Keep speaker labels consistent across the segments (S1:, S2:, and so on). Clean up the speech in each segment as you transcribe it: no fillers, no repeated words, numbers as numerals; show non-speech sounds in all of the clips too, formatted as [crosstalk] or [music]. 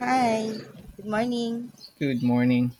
S1: Hi, good morning.
S2: Good morning.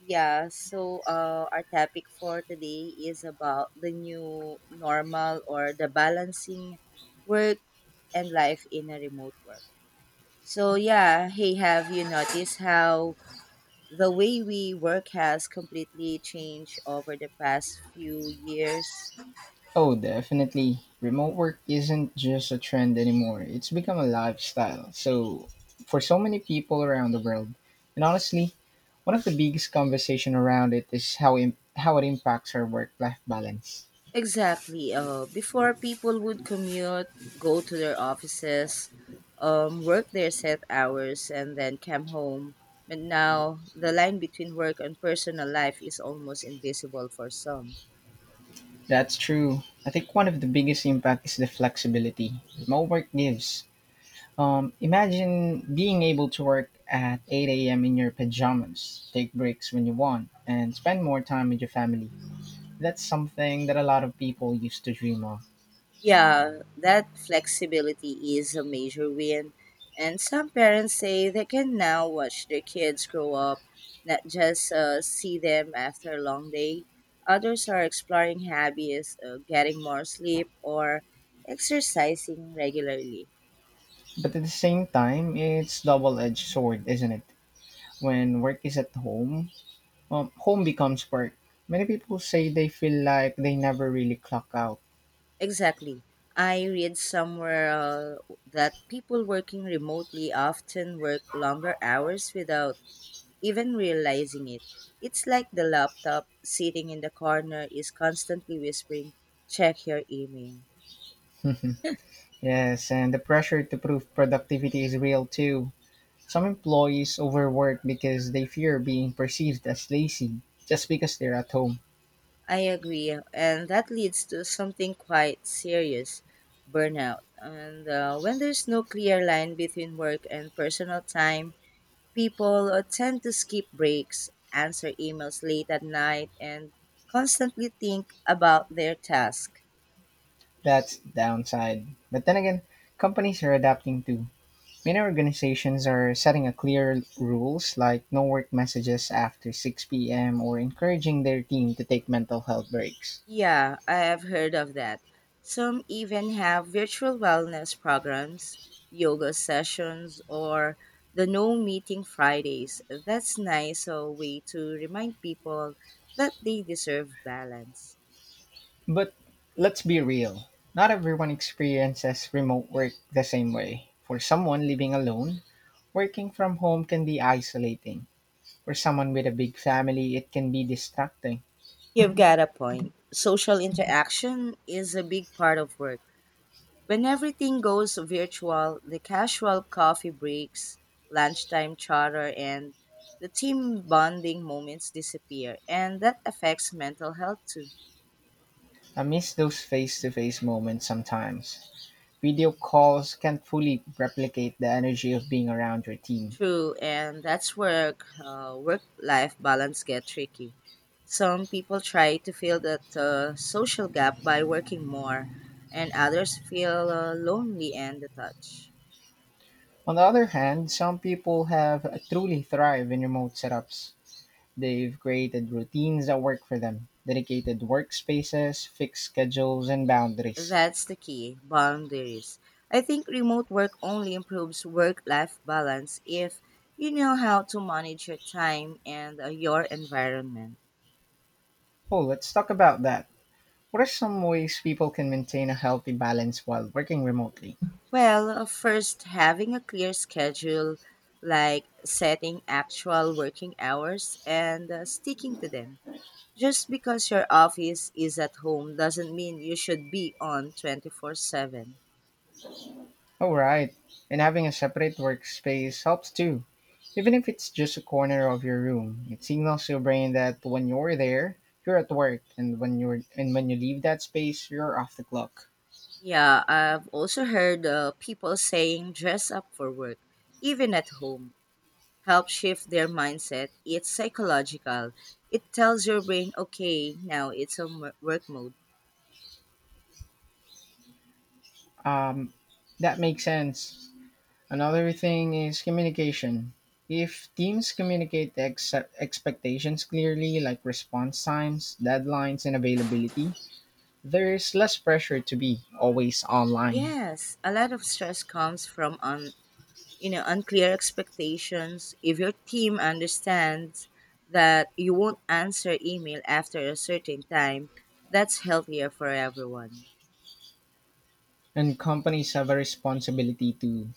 S1: Yeah, so our topic for today is about the new normal, or the balancing work and life in a remote work. So, yeah, hey, have you noticed how the way we work has completely changed over the past few years?
S2: Oh, definitely. Remote work isn't just a trend anymore, it's become a lifestyle. So, for so many people around the world, and honestly, one of the biggest conversation around it is how it impacts our work-life balance.
S1: Exactly. Before people would commute, go to their offices, work their set hours, and then come home. But now the line between work and personal life is almost invisible for some.
S2: That's true. I think one of the biggest impact is the flexibility remote work gives. Imagine being able to work at 8 a.m. in your pajamas, take breaks when you want, and spend more time with your family. That's something that a lot of people used to dream of.
S1: Yeah, that flexibility is a major win. And some parents say they can now watch their kids grow up, not just see them after a long day. Others are exploring hobbies, getting more sleep, or exercising regularly.
S2: But at the same time, it's double-edged sword, isn't it? When work is at home, home becomes work. Many people say they feel like they never really clock out.
S1: Exactly. I read somewhere that people working remotely often work longer hours without even realizing it. It's like the laptop sitting in the corner is constantly whispering, check your email.
S2: [laughs] Yes, and the pressure to prove productivity is real too. Some employees overwork because they fear being perceived as lazy just because they're at home.
S1: I agree. And that leads to something quite serious, burnout. And when there's no clear line between work and personal time, people tend to skip breaks, answer emails late at night, and constantly think about their task.
S2: That's downside. But then again, companies are adapting too. Many organizations are setting a clear rules like no work messages after 6 p.m. or encouraging their team to take mental health breaks.
S1: Yeah, I have heard of that. Some even have virtual wellness programs, yoga sessions, or the no meeting Fridays. That's nice a way to remind people that they deserve balance.
S2: But let's be real. Not everyone experiences remote work the same way. For someone living alone, working from home can be isolating. For someone with a big family, it can be distracting.
S1: You've got a point. Social interaction is a big part of work. When everything goes virtual, the casual coffee breaks, lunchtime chatter, and the team bonding moments disappear, and that affects mental health too.
S2: I miss those face to face moments sometimes. Video calls can't fully replicate the energy of being around your team.
S1: True, and that's where work-life balance get tricky. Some people try to fill that social gap by working more, and others feel lonely and detached.
S2: On the other hand, some people have truly thrived in remote setups. They've created routines that work for them, dedicated workspaces, fixed schedules, and boundaries.
S1: That's the key, boundaries. I think remote work only improves work life balance if you know how to manage your time and your environment.
S2: Oh, let's talk about that. What are some ways people can maintain a healthy balance while working remotely?
S1: Well, first, having a clear schedule, like setting actual working hours and sticking to them. Just because your office is at home doesn't mean you should be on 24/7.
S2: All right, and having a separate workspace helps too. Even if it's just a corner of your room, it signals your brain that when you're there, you're at work, and when you leave that space, you're off the clock.
S1: Yeah, I've also heard people saying dress up for work, even at home. Helps shift their mindset. It's psychological. It tells your brain, okay, now it's on work mode.
S2: Um, that makes sense. Another thing is communication. If teams communicate expectations clearly, like response times, deadlines, and availability, there's less pressure to be always online.
S1: Yes, a lot of stress comes from unclear expectations. If your team understands that you won't answer email after a certain time, that's healthier for everyone.
S2: And companies have a responsibility to.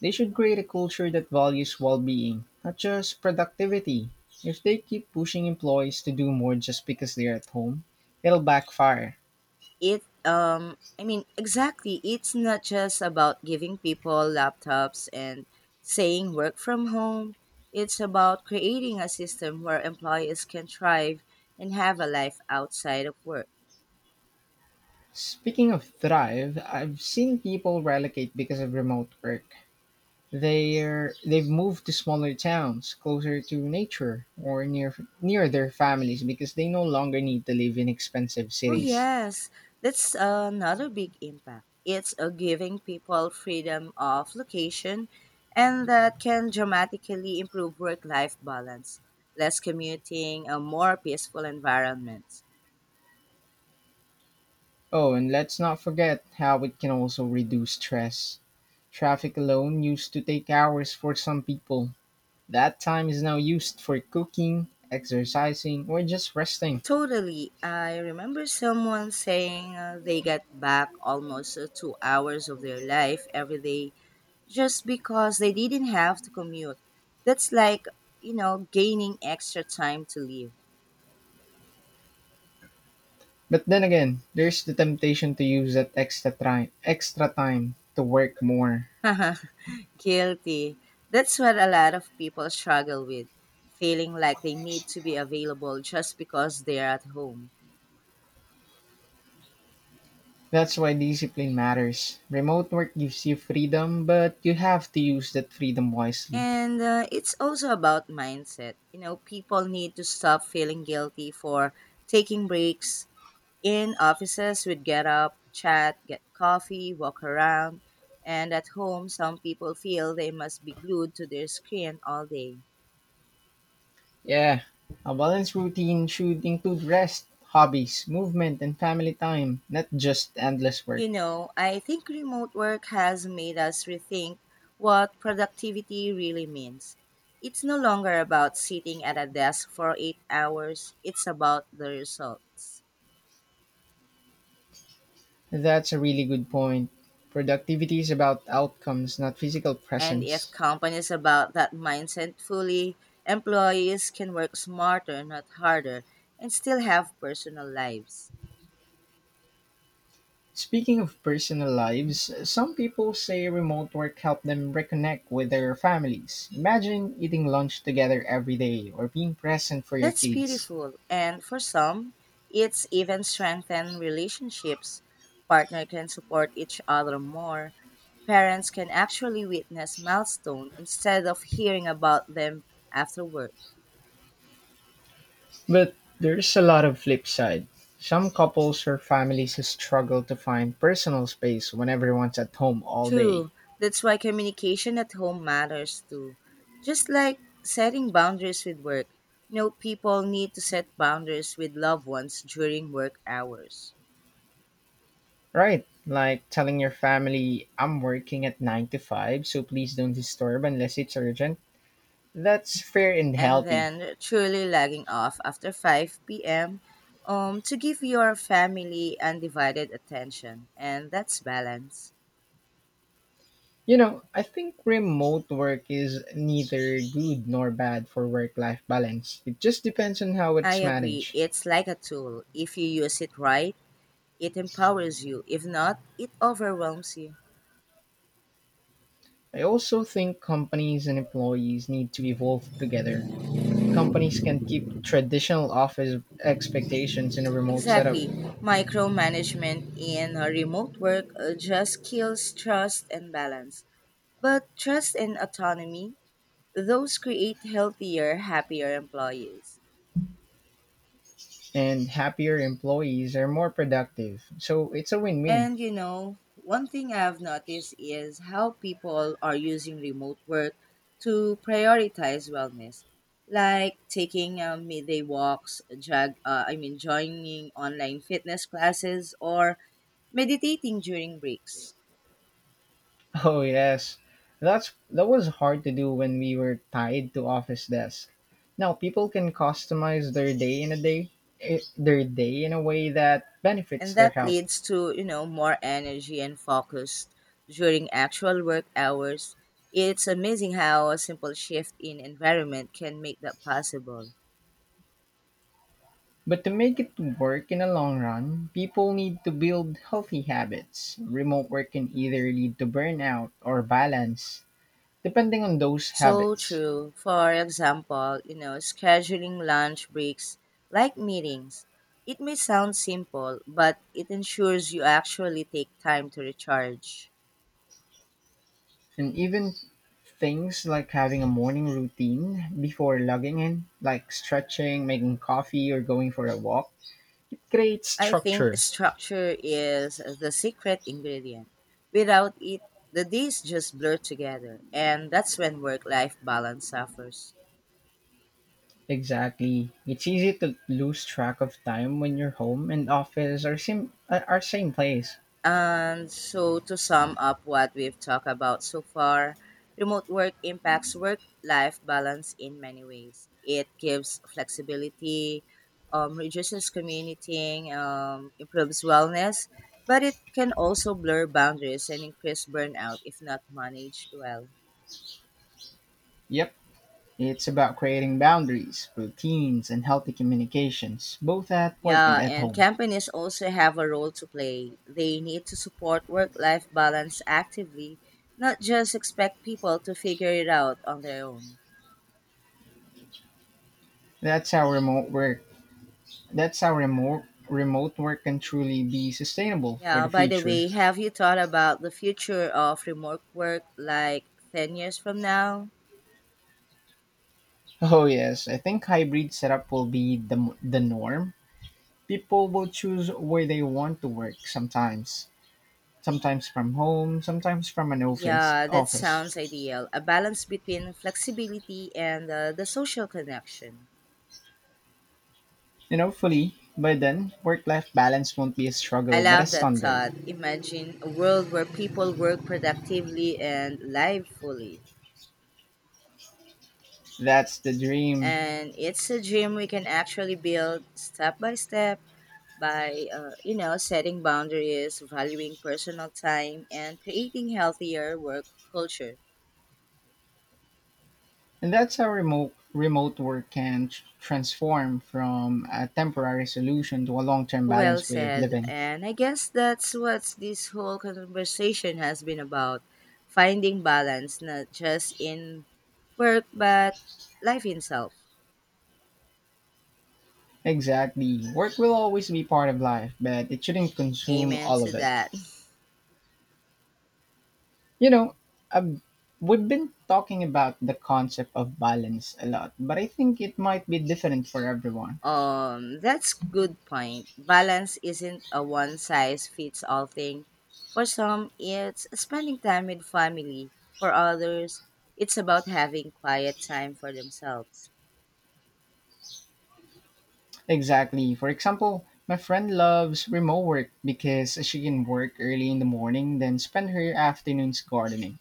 S2: They should create a culture that values well being, not just productivity. If they keep pushing employees to do more just because they're at home, it'll backfire.
S1: It I mean, exactly, it's not just about giving people laptops and saying work from home. It's about creating a system where employees can thrive and have a life outside of work.
S2: Speaking of Thrive, I've seen people relocate because of remote work. They've moved to smaller towns, closer to nature, or near their families because they no longer need to live in expensive
S1: Oh
S2: cities.
S1: yes, that's another big impact. It's giving people freedom of location, and that can dramatically improve work life balance. Less commuting, a more peaceful environment.
S2: Oh, and let's not forget how it can also reduce stress. Traffic alone used to take hours for some people. That time is now used for cooking, exercising, or just resting.
S1: Totally. I remember someone saying they get back almost 2 hours of their life every day just because they didn't have to commute. That's like, you know, gaining extra time to live.
S2: But then again, there's the temptation to use that extra time to work more.
S1: [laughs] Guilty. That's what a lot of people struggle with, feeling like they need to be available just because they're at home.
S2: That's why discipline matters. Remote work gives you freedom, but you have to use that freedom wisely.
S1: And it's also about mindset. You know, people need to stop feeling guilty for taking breaks. In offices, we'd get up, chat, get coffee, walk around, and at home, some people feel they must be glued to their screen all day.
S2: Yeah, a balanced routine should include rest, hobbies, movement, and family time, not just endless work.
S1: You know, I think remote work has made us rethink what productivity really means. It's no longer about sitting at a desk for 8 hours, it's about the results.
S2: That's a really good point. Productivity is about outcomes, not physical
S1: And if
S2: presence.
S1: companies about that mindset fully, employees can work smarter, not harder, and still have personal lives.
S2: Speaking of personal lives, some people say remote work helped them reconnect with their families. Imagine eating lunch together every day or being present for your
S1: That's
S2: kids.
S1: beautiful. And for some, it's even strengthened relationships. Partner can support each other more. Parents can actually witness milestone instead of hearing about them afterward.
S2: But there's a lot of flip side. Some couples or families struggle to find personal space when everyone's at home all day.
S1: True. That's why communication at home matters too. Just like setting boundaries with work. You know, people need to set boundaries with loved ones during work hours.
S2: Right, like telling your family, I'm working at 9 to 5, so please don't disturb unless it's urgent. That's fair and
S1: And
S2: healthy.
S1: then truly logging off after 5 p.m. To give your family undivided attention. And that's balance.
S2: You know, I think remote work is neither good nor bad for work life balance. It just depends on how
S1: I
S2: it's
S1: agree.
S2: managed.
S1: It's like a tool. If you use it right, it empowers you. If not, it overwhelms you.
S2: I also think companies and employees need to evolve together. Companies can keep traditional office expectations in a remote setup,
S1: Exactly. Micromanagement in remote work just kills trust and balance. But trust and autonomy, those create healthier, happier employees.
S2: and happier employees are more productive. So it's a win win.
S1: And you know, one thing I've noticed is how people are using remote work to prioritize wellness, like taking midday walks, I mean, joining online fitness classes, or meditating during breaks.
S2: [laughs] Oh yes, that was hard to do when we were tied to office desk. Now people can customize their day in a way that benefits
S1: And
S2: their
S1: that
S2: health.
S1: leads to, you know, more energy and focus during actual work hours. It's amazing how a simple shift in environment can make that possible.
S2: But to make it work in the long run, people need to build healthy habits. Remote work can either lead to burnout or balance, depending on those
S1: So
S2: habits.
S1: true. For example, you know, scheduling lunch breaks like meetings. It may sound simple, but it ensures you actually take time to recharge.
S2: And even things like having a morning routine before logging in, like stretching, making coffee, or going for a walk. Great
S1: I think
S2: structure.
S1: structure is the secret ingredient. Without it, the days just blur together, and that's when work life balance suffers.
S2: Exactly. It's easy to lose track of time when your home and office are same place.
S1: And so, to sum up what we've talked about so far, remote work impacts work life balance in many ways. It gives flexibility, reduces commuting, improves wellness, but it can also blur boundaries and increase burnout if not managed well.
S2: Yep. It's about creating boundaries, routines, and healthy communications, both at work and
S1: Yeah,
S2: at
S1: and
S2: home.
S1: companies also have a role to play. They need to support work life balance actively, not just expect people to figure it out on their own.
S2: That's how remote work. That's how remote work can truly be sustainable for
S1: Yeah,
S2: the
S1: by the
S2: future.
S1: way, have you thought about the future of remote work like 10 years from now?
S2: Oh yes, I think hybrid setup will be the norm. People will choose where they want to work sometimes from home, sometimes from an office.
S1: Yeah, that sounds
S2: Office,
S1: ideal. A balance between flexibility and the social connection.
S2: and hopefully by then work-life balance won't be a
S1: I
S2: struggle but a
S1: love that
S2: standard.
S1: thought. Imagine a world where people work productively and live fully.
S2: That's the dream,
S1: And it's a dream we can actually build step by step by, setting boundaries, valuing personal time, and creating healthier work culture.
S2: and that's how remote work can transform from a temporary solution to a long-term
S1: Well
S2: balanced way of
S1: said.
S2: living.
S1: And I guess that's what this whole conversation has been about, finding balance, not just in work, but life itself.
S2: Exactly, work will always be part of life, but it shouldn't consume
S1: Amen
S2: all of
S1: to
S2: it.
S1: that. [laughs]
S2: You know, I've We've been talking about the concept of balance a lot, but I think it might be different for everyone.
S1: That's good point. Balance isn't a one size fits all thing. For some, it's spending time with family. For others, it's about having quiet time for themselves.
S2: Exactly. For example, my friend loves remote work because she can work early in the morning, then spend her afternoons gardening.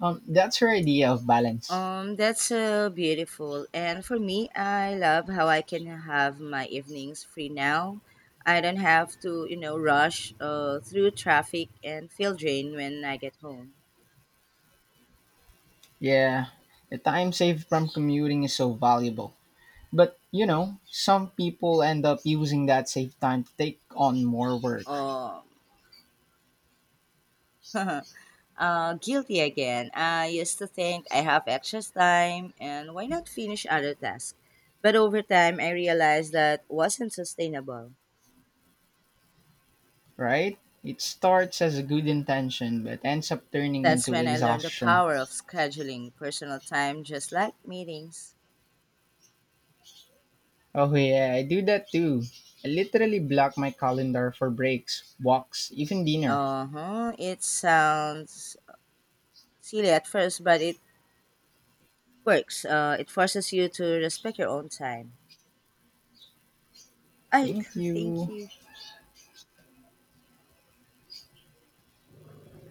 S2: That's her idea of balance.
S1: That's beautiful. And for me, I love how I can have my evenings free now. I don't have to, you know, rush through traffic and feel drained when I get home.
S2: Yeah, the time saved from commuting is so valuable. But, you know, some people end up using that saved time to take on more work,
S1: Oh, [laughs] guilty again. I used to think I have excess time, and why not finish other tasks? But over time, I realized that wasn't sustainable.
S2: right? It starts as a good intention but ends up turning
S1: That's
S2: into
S1: when I learned the
S2: exhaustion.
S1: power of scheduling personal time just like meetings.
S2: Oh yeah, I do that too. I literally block my calendar for breaks, walks, even dinner.
S1: Uh-huh. It sounds silly at first, but it works. It forces you to respect your own time. I
S2: Thank
S1: [laughs] thank
S2: you.
S1: you.